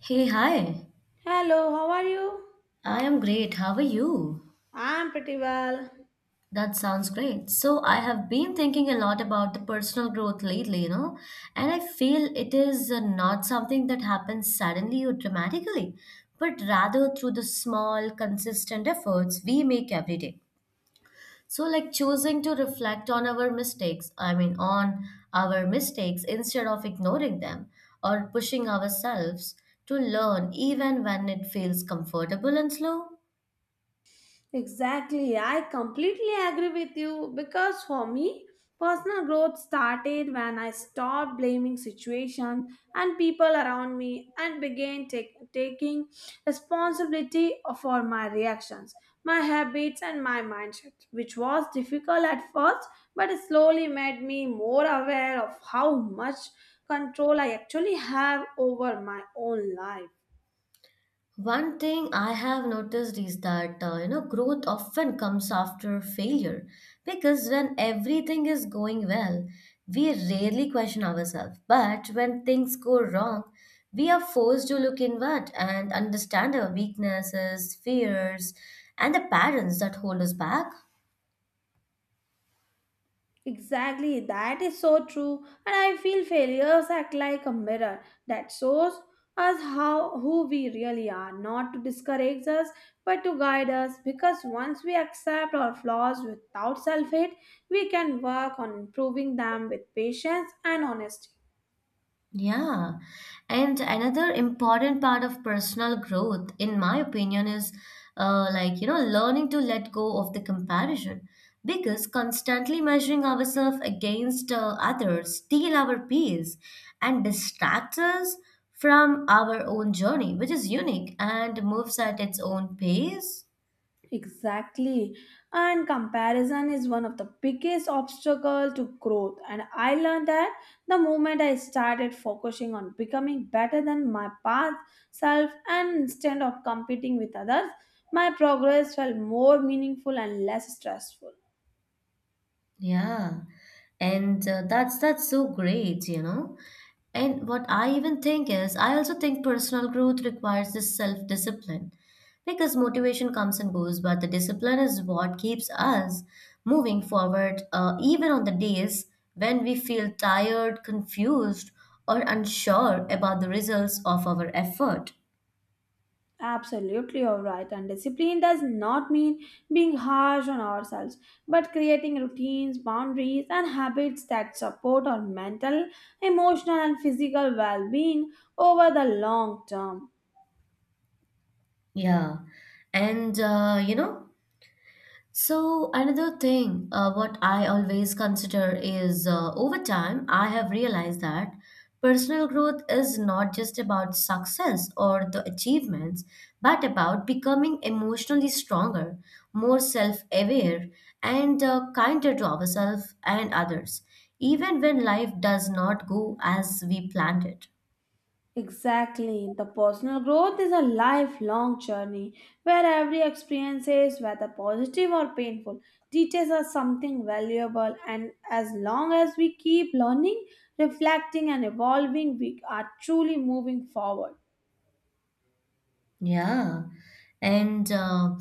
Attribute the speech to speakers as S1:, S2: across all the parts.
S1: Hey, hi.
S2: Hello, how are you?
S1: I am great. How are you?
S2: I'm pretty well.
S1: That sounds great. So, I have been thinking a lot about the personal growth lately, and I feel it is not something that happens suddenly or dramatically, but rather through the small, consistent efforts we make every day. So, like choosing to reflect on our mistakes, I mean, on our mistakes instead of ignoring them or pushing ourselves to learn even when it feels comfortable and slow.
S2: Exactly, I completely agree with you because for me, personal growth started when I stopped blaming situations and people around me and began taking responsibility for my reactions, my habits, and my mindset, which was difficult at first but it slowly made me more aware of how much control I actually have over my own life.
S1: One thing I have noticed is that growth often comes after failure because when everything is going well, we rarely question ourselves. But when things go wrong, we are forced to look inward and understand our weaknesses, fears, and the patterns that hold us back.
S2: Exactly, that is so true. And I feel failures act like a mirror that shows us how who we really are, not to discourage us, but to guide us. Because once we accept our flaws without self hate, we can work on improving them with patience and honesty.
S1: Yeah. And another important part of personal growth, in my opinion, is like, learning to let go of the comparison. Because constantly measuring ourselves against others steal our peace and distracts us from our own journey, which is unique and moves at its own pace.
S2: Exactly. And comparison is one of the biggest obstacle to growth. And I learned that the moment I started focusing on becoming better than my past self and instead of competing with others, my progress felt more meaningful and less stressful.
S1: Yeah. And that's so great. And what I even think is, I also think personal growth requires this self discipline because motivation comes and goes, but the discipline is what keeps us moving forward, even on the days when we feel tired, confused, or unsure about the results of our effort.
S2: Absolutely, you're right. And discipline does not mean being harsh on ourselves, but creating routines, boundaries, and habits that support our mental, emotional, and physical well being over the long term.
S1: Yeah. And So, another thing what I always consider is over time, I have realized that personal growth is not just about success or the achievements, but about becoming emotionally stronger, more self aware, and kinder to ourselves and others, even when life does not go as we planned it.
S2: Exactly. The personal growth is a lifelong journey where every experience, whether positive or painful, teaches us something valuable. And as long as we keep learning, reflecting, and evolving, we are truly moving forward.
S1: Yeah, and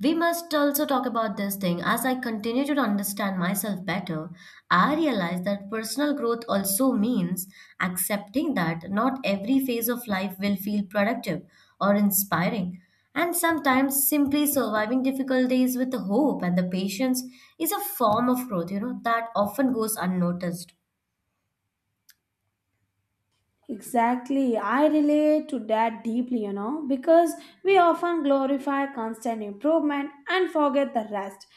S1: we must also talk about this thing. As I continue to understand myself better, I realize that personal growth also means accepting that not every phase of life will feel productive or inspiring. And sometimes simply surviving difficult days with the hope and the patience is a form of growth, that often goes unnoticed.
S2: Exactly. I relate to that deeply, because we often glorify constant improvement and forget the rest.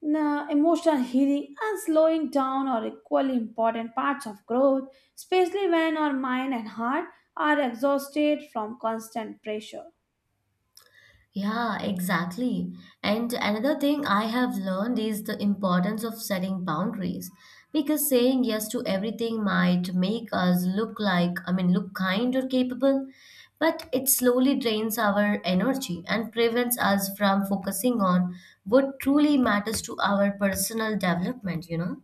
S2: Now, emotional healing and slowing down are equally important parts of growth, especially when our mind and heart are exhausted from constant pressure.
S1: Yeah, exactly. And another thing I have learned is the importance of setting boundaries because saying yes to everything might make us look like, I mean, look kind or capable, but it slowly drains our energy and prevents us from focusing on what truly matters to our personal development, you know?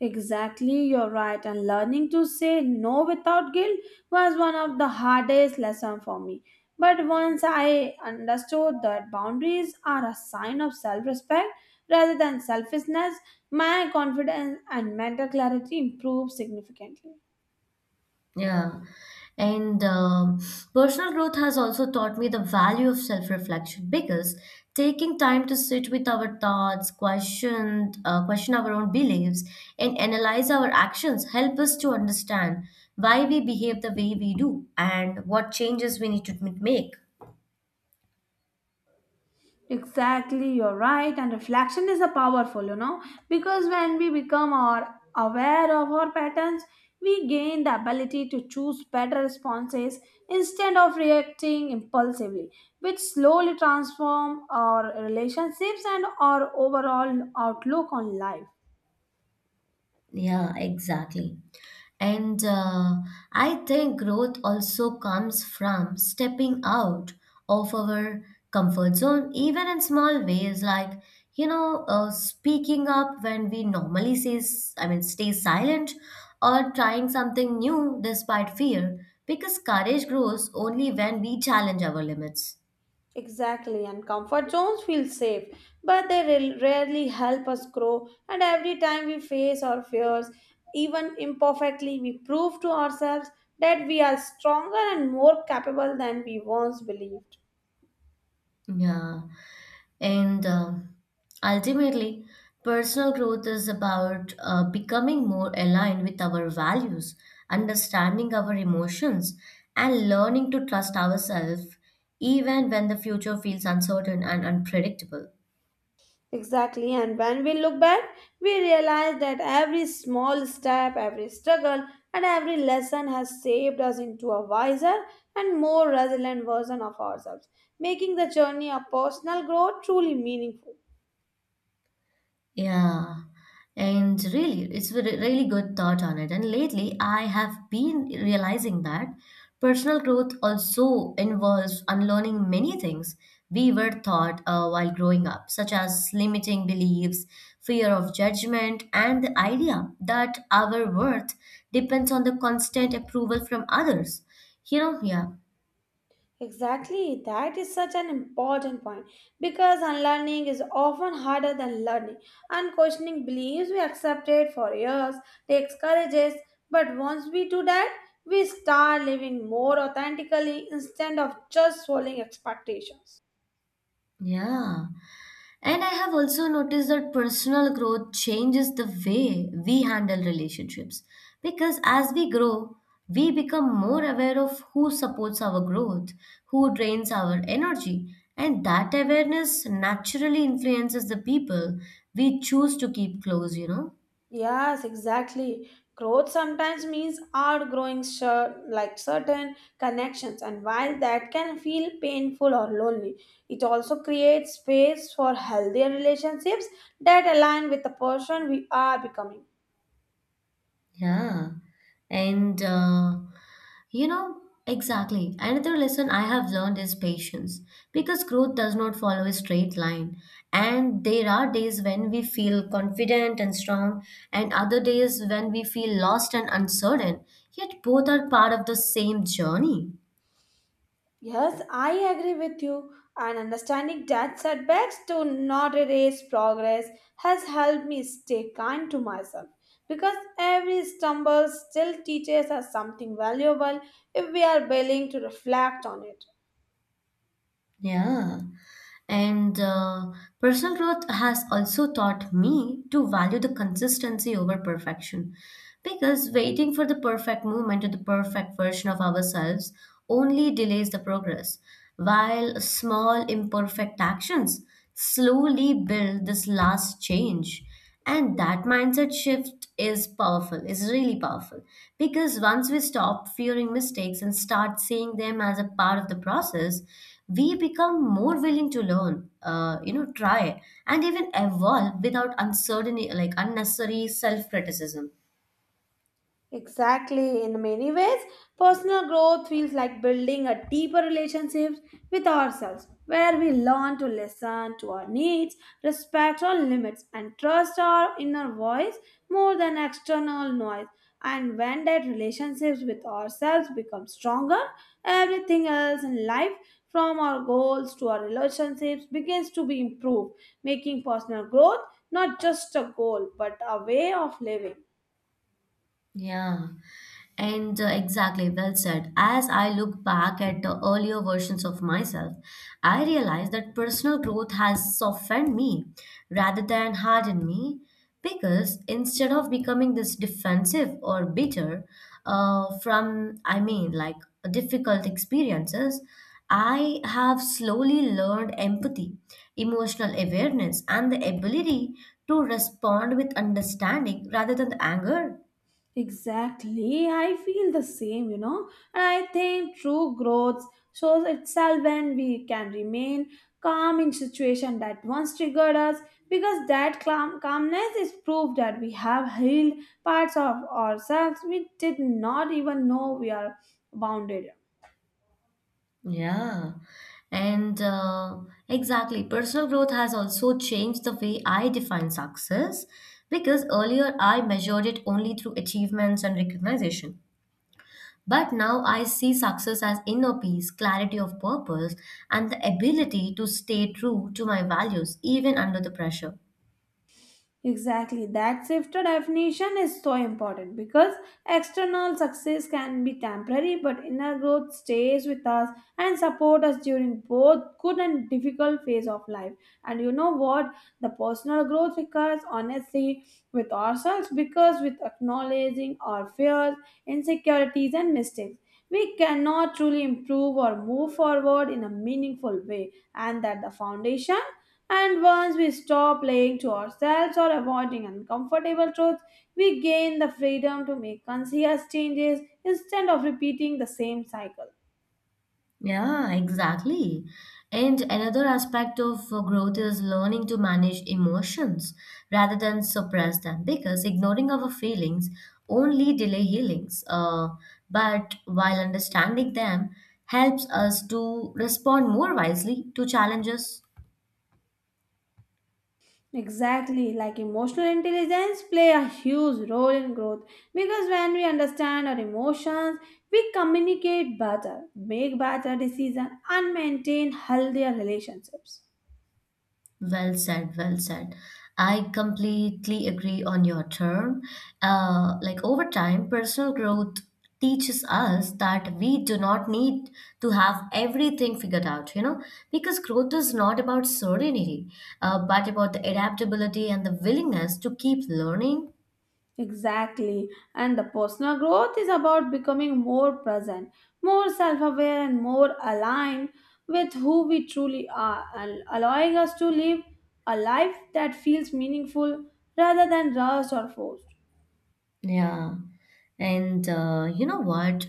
S2: Exactly, you're right. And learning to say no without guilt was one of the hardest lessons for me. But once I understood that boundaries are a sign of self respect rather than selfishness, my confidence and mental clarity improved significantly.
S1: Yeah. And personal growth has also taught me the value of self reflection because taking time to sit with our thoughts, question our own beliefs, and analyze our actions help us to understand why we behave the way we do and what changes we need to make.
S2: Exactly, you're right. And reflection is a powerful, because when we become our aware of our patterns, we gain the ability to choose better responses instead of reacting impulsively, which slowly transform our relationships and our overall outlook on life.
S1: Yeah, exactly. And I think growth also comes from stepping out of our comfort zone, even in small ways, like, speaking up when we normally say, I mean, stay silent or trying something new despite fear, because courage grows only when we challenge our limits.
S2: Exactly, and comfort zones feel safe, but they rarely help us grow. And every time we face our fears, even imperfectly, we prove to ourselves that we are stronger and more capable than we once believed.
S1: Yeah. And ultimately, personal growth is about becoming more aligned with our values, understanding our emotions, and learning to trust ourselves even when the future feels uncertain and unpredictable.
S2: Exactly, and when we look back, we realize that every small step, every struggle, and every lesson has shaped us into a wiser and more resilient version of ourselves, making the journey of personal growth truly meaningful.
S1: Yeah, and really, it's a really good thought on it. And lately, I have been realizing that personal growth also involves unlearning many things we were taught while growing up, such as limiting beliefs, fear of judgment, and the idea that our worth depends on the constant approval from others. You know, yeah,
S2: Exactly, that is such an important point because unlearning is often harder than learning. Unquestioning beliefs we accepted for years takes courage. But once we do that, we start living more authentically instead of just following expectations.
S1: yeah. And I have also noticed that personal growth changes the way we handle relationships. Because as we grow, we become more aware of who supports our growth, who drains our energy, and that awareness naturally influences the people we choose to keep close.
S2: Yes, exactly. Growth sometimes means outgrowing certain connections, and while that can feel painful or lonely, it also creates space for healthier relationships that align with the person we are becoming.
S1: Yeah. And, you know, exactly. Another lesson I have learned is patience because growth does not follow a straight line. And there are days when we feel confident and strong, and other days when we feel lost and uncertain. Yet both are part of the same journey.
S2: Yes, I agree with you, and understanding that setbacks do not erase progress has helped me stay kind to myself because every stumble still teaches us something valuable if we are willing to reflect on it.
S1: Yeah. And personal growth has also taught me to value the consistency over perfection. Because waiting for the perfect moment or the perfect version of ourselves only delays the progress, while small imperfect actions slowly build this last change. And that mindset shift is powerful, is really powerful. Because once we stop fearing mistakes and start seeing them as a part of the process, we become more willing to learn, try and even evolve without uncertainty, like unnecessary self criticism.
S2: Exactly. In many ways, personal growth feels like building a deeper relationship with ourselves, where we learn to listen to our needs, respect our limits, and trust our inner voice more than external noise. And when that relationship with ourselves becomes stronger, everything else in life, from our goals to our relationships, begins to be improved, making personal growth not just a goal but a way of living.
S1: Yeah. And exactly, well said. As I look back at the earlier versions of myself, I realize that personal growth has softened me rather than hardened me because instead of becoming this defensive or bitter I mean, like difficult experiences, I have slowly learned empathy, emotional awareness, and the ability to respond with understanding rather than anger.
S2: Exactly. I feel the same. And I think true growth shows itself when we can remain calm in situation that once triggered us because that calmness is proof that we have healed parts of ourselves we did not even know we are bounded.
S1: Yeah, and exactly. Personal growth has also changed the way I define success because earlier I measured it only through achievements and recognition. But now I see success as inner peace, clarity of purpose, and the ability to stay true to my values even under the pressure.
S2: Exactly. That shifted definition is so important because external success can be temporary, but inner growth stays with us and support us during both good and difficult phase of life. And you know what? The personal growth requires honesty with ourselves because with acknowledging our fears, insecurities, and mistakes. We cannot truly improve or move forward in a meaningful way, and that the foundation and once we stop lying to ourselves or avoiding uncomfortable truths, we gain the freedom to make conscious changes instead of repeating the same cycle.
S1: Yeah, exactly. And another aspect of growth is learning to manage emotions rather than suppress them because ignoring our feelings only delay healings. But while understanding them helps us to respond more wisely to challenges.
S2: Exactly, like emotional intelligence play a huge role in growth because when we understand our emotions, we communicate better, make better decisions and maintain healthier relationships.
S1: Well said, well said. I completely agree on your term. Like over time, personal growth teaches us that we do not need to have everything figured out, because growth is not about certainty, but about the adaptability and the willingness to keep learning.
S2: Exactly. And the personal growth is about becoming more present, more self aware, and more aligned with who we truly are, and allowing us to live a life that feels meaningful rather than rushed or forced.
S1: Yeah. And you know what?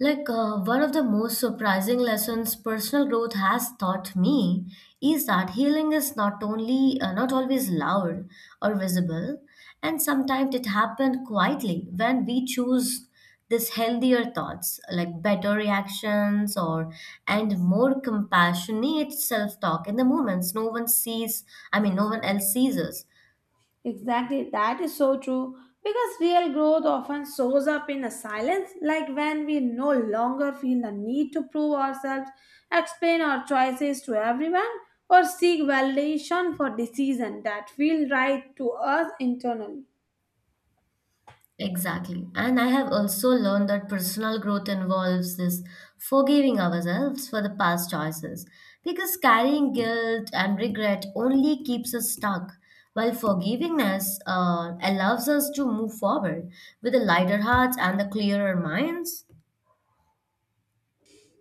S1: Like one of the most surprising lessons personal growth has taught me is that healing is not always loud or visible, and sometimes it happens quietly when we choose these healthier thoughts, like better reactions or and more compassionate self-talk in the moments no one sees. I mean, no one else sees us.
S2: Exactly, that is so true. Because real growth often shows up in a silence, like when we no longer feel the need to prove ourselves, explain our choices to everyone, or seek validation for decisions that feel right to us internally.
S1: Exactly. And I have also learned that personal growth involves this forgiving ourselves for the past choices because carrying guilt and regret only keeps us stuck, while forgiveness allows us to move forward with a lighter heart and a clearer minds.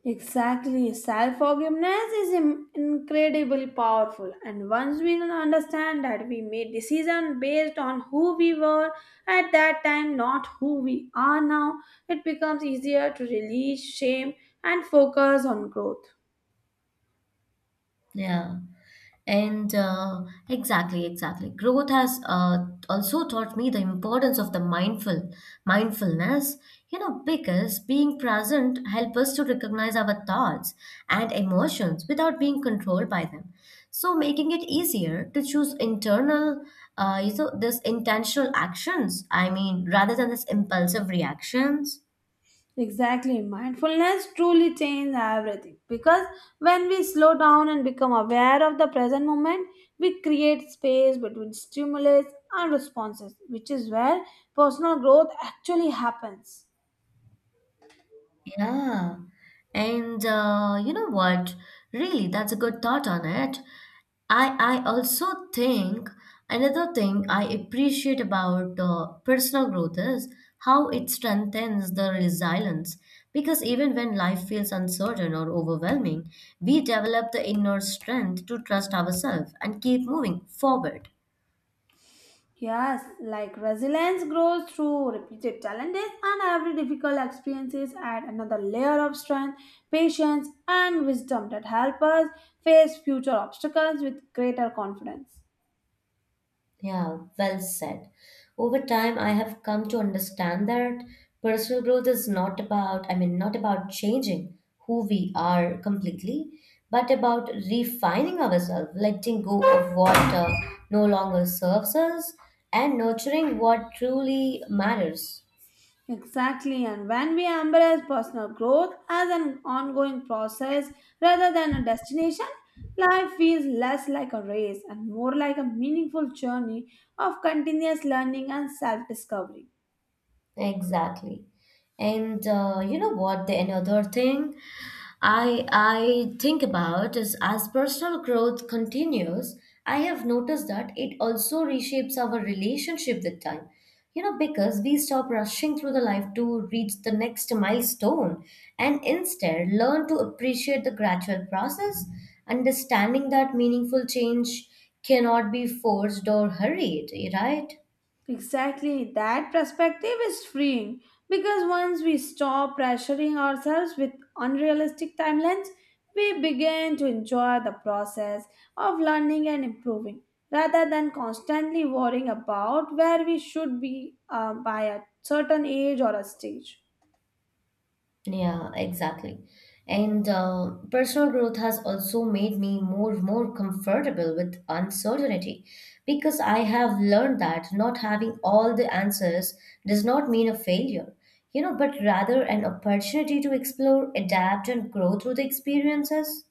S2: Exactly. Self forgiveness is incredibly powerful, and once we understand that we made decisions based on who we were at that time, not who we are now, it becomes easier to release shame and focus on growth.
S1: Yeah. And exactly, exactly. Growth has also taught me the importance of the mindfulness, because being present helps us to recognize our thoughts and emotions without being controlled by them. So making it easier to choose internal, this intentional actions, I mean, rather than this impulsive reactions.
S2: Exactly. Mindfulness truly changes everything because when we slow down and become aware of the present moment, we create space between stimulus and responses, which is where personal growth actually happens.
S1: Yeah. And you know what? Really, that's a good thought on it. I also think another thing I appreciate about personal growth is how it strengthens the resilience. Because even when life feels uncertain or overwhelming, we develop the inner strength to trust ourselves and keep moving forward.
S2: Yes, like resilience grows through repeated challenges, and every difficult experiences add another layer of strength, patience, and wisdom that help us face future obstacles with greater confidence.
S1: Yeah, well said. Over time, I have come to understand that personal growth is not about changing who we are completely, but about refining ourselves, letting go of what no longer serves us, and nurturing what truly matters.
S2: Exactly, and when we embrace personal growth as an ongoing process rather than a destination, life feels less like a race and more like a meaningful journey of continuous learning and self discovery.
S1: Exactly. And you know what? The another thing I think about is as personal growth continues, I have noticed that it also reshapes our relationship with time. You know, because we stop rushing through the life to reach the next milestone and instead learn to appreciate the gradual process, understanding that meaningful change cannot be forced or hurried, right?
S2: Exactly, that perspective is freeing because once we stop pressuring ourselves with unrealistic timelines, we begin to enjoy the process of learning and improving rather than constantly worrying about where we should be by a certain age or a stage.
S1: Yeah, exactly. And personal growth has also made me more comfortable with uncertainty because I have learned that not having all the answers does not mean a failure, but rather an opportunity to explore, adapt, and grow through the experiences.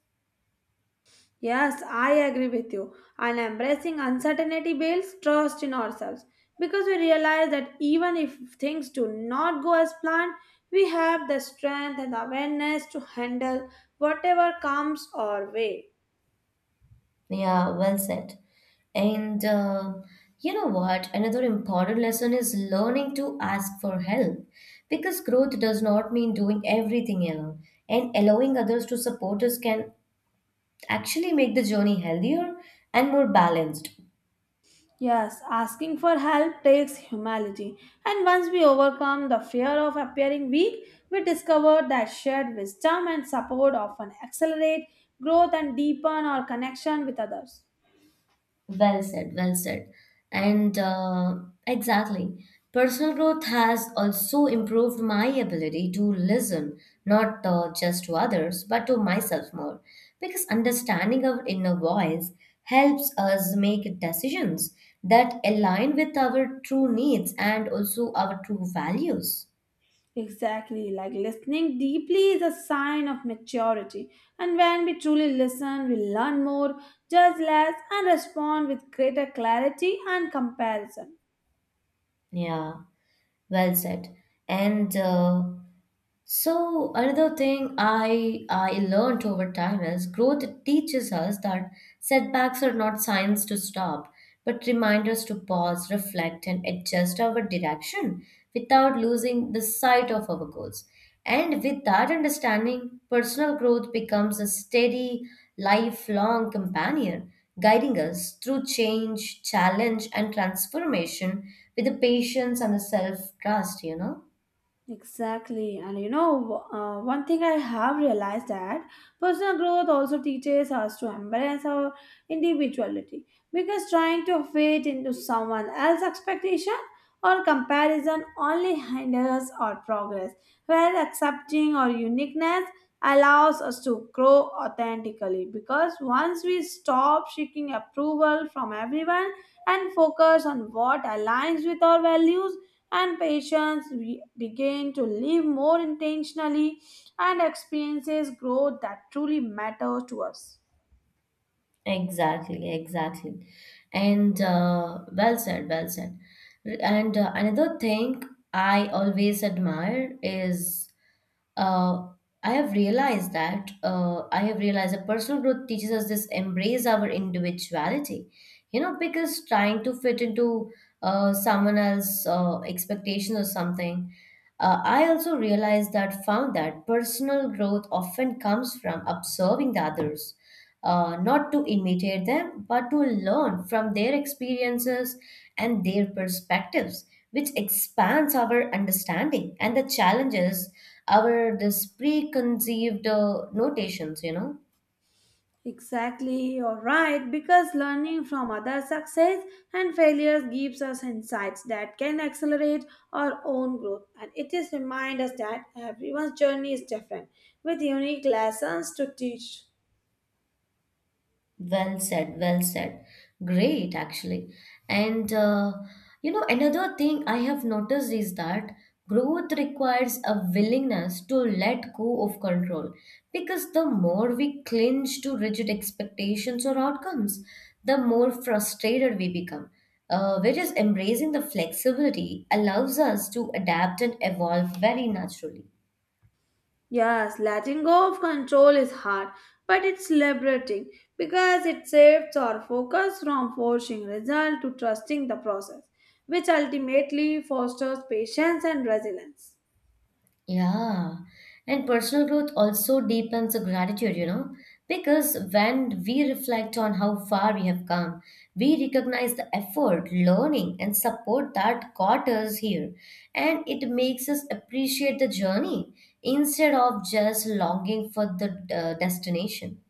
S2: Yes, I agree with you. And embracing uncertainty builds trust in ourselves because we realize that even if things do not go as planned, we have the strength and awareness to handle whatever comes our way.
S1: Yeah, well said. And you know what? Another important lesson is learning to ask for help because growth does not mean doing everything alone, and allowing others to support us can actually make the journey healthier and more balanced.
S2: Yes, asking for help takes humility. And once we overcome the fear of appearing weak, we discover that shared wisdom and support often accelerate growth and deepen our connection with others.
S1: Well said, well said. And exactly. Personal growth has also improved my ability to listen, not just to others, but to myself more. Because understanding our inner voice helps us make decisions that align with our true needs and also our true values.
S2: Exactly, like listening deeply is a sign of maturity. And when we truly listen, we learn more, judge less, and respond with greater clarity and comparison.
S1: Yeah, well said. And So another thing I learned over time is growth teaches us that setbacks are not signs to stop, but reminders to pause, reflect, and adjust our direction without losing the sight of our goals. And with that understanding, personal growth becomes a steady, lifelong companion, guiding us through change, challenge, and transformation with the patience and the self trust.
S2: Exactly, and you know, one thing I have realized that personal growth also teaches us to embrace our individuality because trying to fit into someone else's expectation or comparison only hinders our progress, whereas accepting our uniqueness allows us to grow authentically because once we stop seeking approval from everyone and focus on what aligns with our values and patients we begin to live more intentionally and experiences growth that truly matter to us.
S1: Exactly, exactly. And well said, well said. And another thing I always admire is uh, I have realized that personal growth teaches us this embrace our individuality. You know, because trying to fit into someone else's expectation or something. I also realized that found that personal growth often comes from observing the others, not to imitate them, but to learn from their experiences and their perspectives, which expands our understanding and the challenges our this preconceived notations. You know.
S2: Exactly, you're right, because learning from other success and failures gives us insights that can accelerate our own growth. And it is remind us that everyone's journey is different with unique lessons to teach.
S1: Well said, well said. Great, actually. And uh, Another thing I have noticed is that growth requires a willingness to let go of control because the more we clinch to rigid expectations or outcomes, the more frustrated we become. Whereas embracing the flexibility allows us to adapt and evolve very naturally.
S2: Yes, letting go of control is hard, but it's liberating because it shifts our focus from forcing result to trusting the process, which ultimately fosters patience and resilience.
S1: Yeah, and personal growth also deepens the gratitude, because when we reflect on how far we have come, we recognize the effort, learning, and support that got us here. And it makes us appreciate the journey instead of just longing for the destination.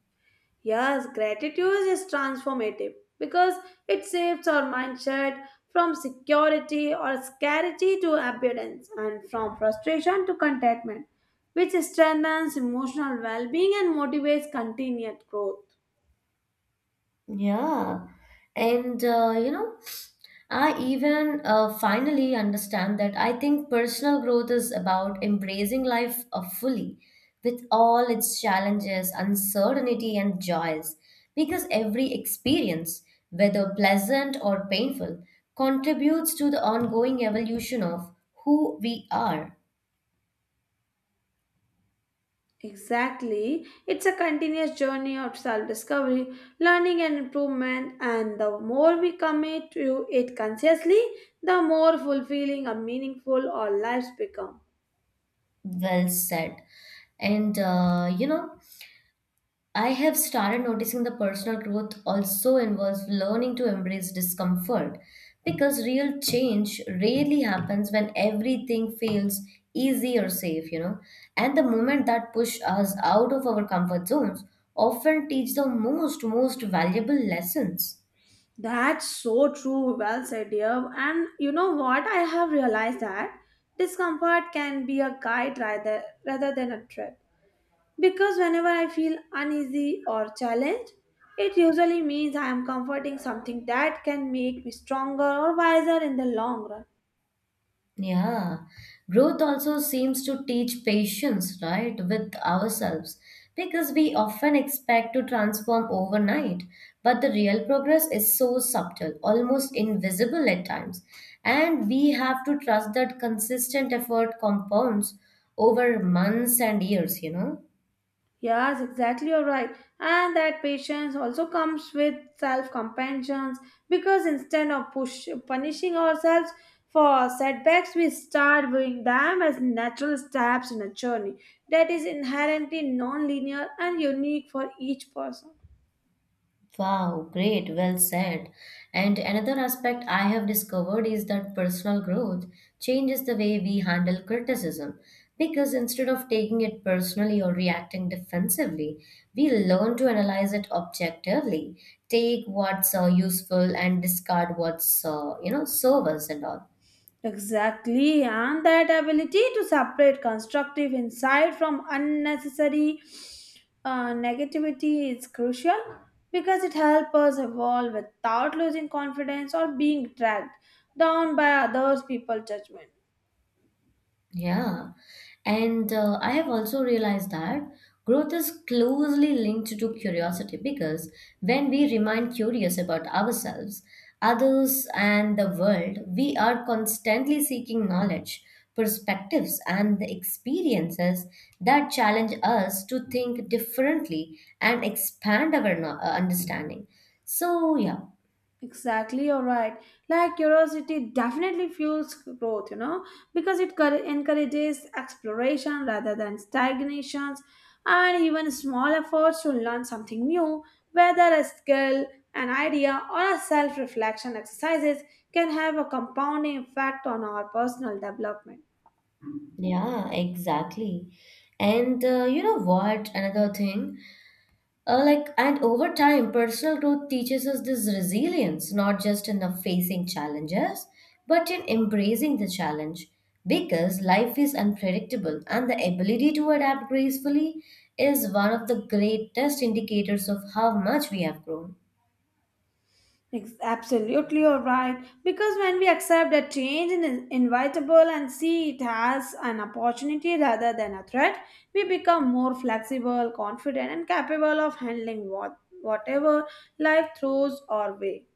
S2: Yes, gratitude is transformative because it shifts our mindset from security or scarcity to abundance and from frustration to contentment, which strengthens emotional well being and motivates continued growth.
S1: Yeah. And, uh, you know, I even finally understand that I think personal growth is about embracing life fully with all its challenges, uncertainty, and joys. Because every experience, whether pleasant or painful, contributes to the ongoing evolution of who we are.
S2: Exactly. It's a continuous journey of self discovery, learning, and improvement. And the more we commit to it consciously, the more fulfilling and meaningful our lives become.
S1: Well said. And, uh, you know, I have started noticing the personal growth also involves learning to embrace discomfort because real change rarely happens when everything feels easy or safe. And the moment that push us out of our comfort zones often teach the most valuable lessons.
S2: That's so true. Well said, dear. And you know what? I have realized that discomfort can be a guide rather than a threat. Because whenever I feel uneasy or challenged, it usually means I am comforting something that can make me stronger or wiser in the long run.
S1: Yeah, growth also seems to teach patience, right, with ourselves because we often expect to transform overnight, but the real progress is so subtle, almost invisible at times. And we have to trust that consistent effort compounds over months and years.
S2: Yes, exactly, you're right. And that patience also comes with self compassion because instead of punishing ourselves for setbacks, we start viewing them as natural steps in a journey that is inherently non linear and unique for each person.
S1: Wow, great, well said. And another aspect I have discovered is that personal growth changes the way we handle criticism. Because instead of taking it personally or reacting defensively, we learn to analyze it objectively, take what's useful and discard what's serve us and all.
S2: Exactly, and that ability to separate constructive insight from unnecessary negativity is crucial because it helps us evolve without losing confidence or being dragged down by others' people's judgment.
S1: Yeah, and I have also realized that growth is closely linked to curiosity because when we remain curious about ourselves, others, and the world, we are constantly seeking knowledge, perspectives, and the experiences that challenge us to think differently and expand our understanding. So, yeah,
S2: Exactly, you're right. Like curiosity definitely fuels growth, you know, because it encourages exploration rather than stagnations, and even small efforts to learn something new, whether a skill, an idea, or a self reflection exercises, can have a compounding effect on our personal development.
S1: yeah, exactly. And you know what? Another thing. Like and Over time, personal growth teaches us this resilience, not just in the facing challenges, but in embracing the challenge. Because life is unpredictable, and the ability to adapt gracefully is one of the greatest indicators of how much we have grown.
S2: Absolutely, you're right. Because when we accept that change in is inevitable and see it as an opportunity rather than a threat, we become more flexible, confident, and capable of handling whatever life throws our way.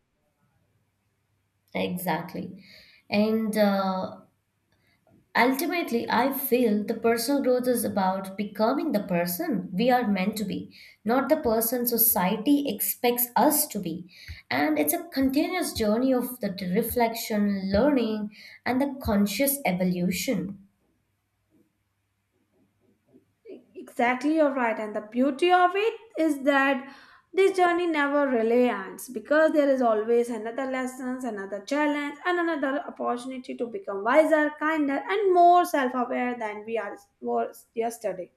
S1: Exactly. And Ultimately, I feel the personal growth is about becoming the person we are meant to be, not the person society expects us to be. And it's a continuous journey of the reflection, learning, and the conscious evolution.
S2: Exactly, you're right. And the beauty of it is that this journey never really ends because there is always another lessons, another challenge, and another opportunity to become wiser, kinder, and more self-aware than we are was yesterday.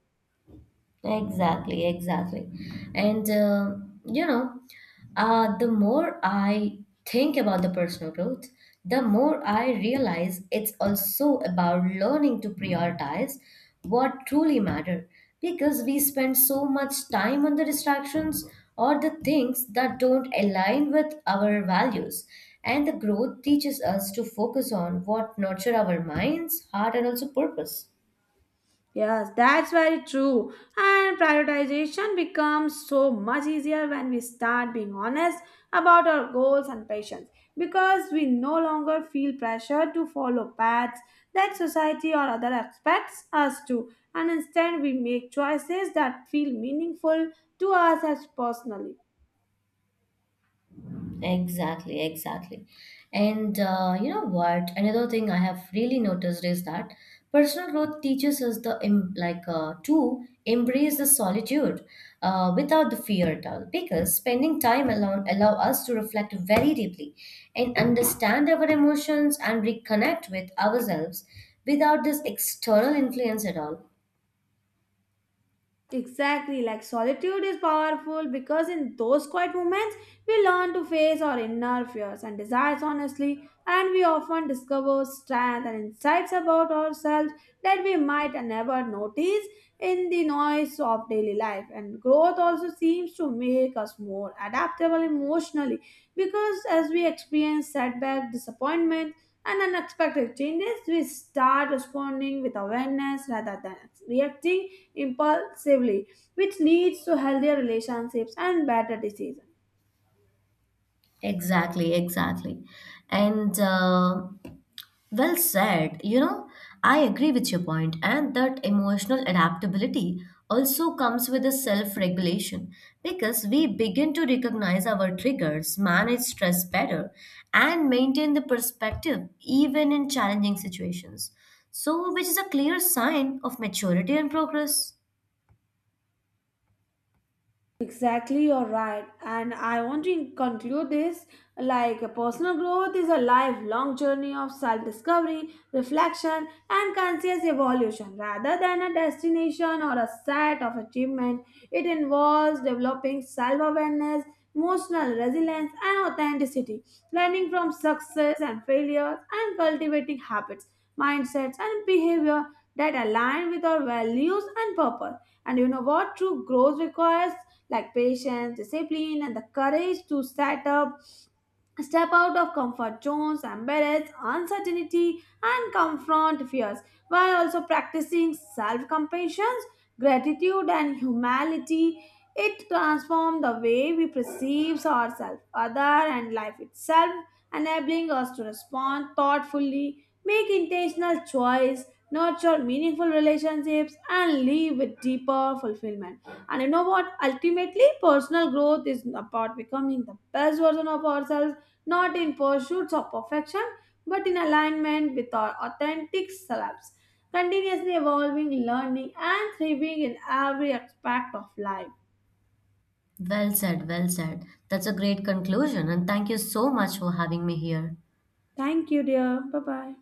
S1: Exactly, exactly. And uh, you know, the more I think about the personal growth, the more I realize it's also about learning to prioritize what truly matter because we spend so much time on the distractions or the things that don't align with our values. And the growth teaches us to focus on what nurture our minds, heart, and also purpose.
S2: Yes, that's very true. And prioritization becomes so much easier when we start being honest about our goals and passions because we no longer feel pressure to follow paths that society or other expects us to, and instead we make choices that feel meaningful to us as personally.
S1: Exactly, exactly. And you know what? Another thing I have really noticed is that personal growth teaches us the to embrace the solitude without the fear at all. Because spending time alone allow us to reflect very deeply and understand our emotions and reconnect with ourselves without this external influence at all.
S2: Exactly, like solitude is powerful because in those quiet moments we learn to face our inner fears and desires honestly, and we often discover strength and insights about ourselves that we might never notice in the noise of daily life. And growth also seems to make us more adaptable emotionally because as we experience setback, disappointment, and unexpected changes, we start responding with awareness rather than reacting impulsively, which leads to healthier relationships and better decisions.
S1: Exactly, exactly. And Well said. You know, I agree with your point, and that emotional adaptability also comes with a self regulation because we begin to recognize our triggers, manage stress better, and maintain the perspective even in challenging situations. So, which is a clear sign of maturity and progress.
S2: Exactly, you're right. And I want to conclude this like personal growth is a lifelong journey of self discovery, reflection, and conscious evolution. Rather than a destination or a set of achievement, it involves developing self awareness, emotional resilience, and authenticity, learning from success and failures, and cultivating habits, mindsets, and behavior that align with our values and purpose. And you know what? True growth requires like patience, discipline, and the courage to set up step out of comfort zones, embrace uncertainty, and confront fears while also practicing self compassion, gratitude, and humility. It transforms the way we perceive ourselves, other, and life itself, enabling us to respond thoughtfully, make intentional choice, nurture meaningful relationships, and live with deeper fulfillment. And you know what? Ultimately, personal growth is about becoming the best version of ourselves not in pursuits of perfection, but in alignment with our authentic selves, continuously evolving, learning, and thriving in every aspect of life.
S1: Well said, well said. That's a great conclusion, and thank you so much for having me here.
S2: Thank you, dear. Bye bye.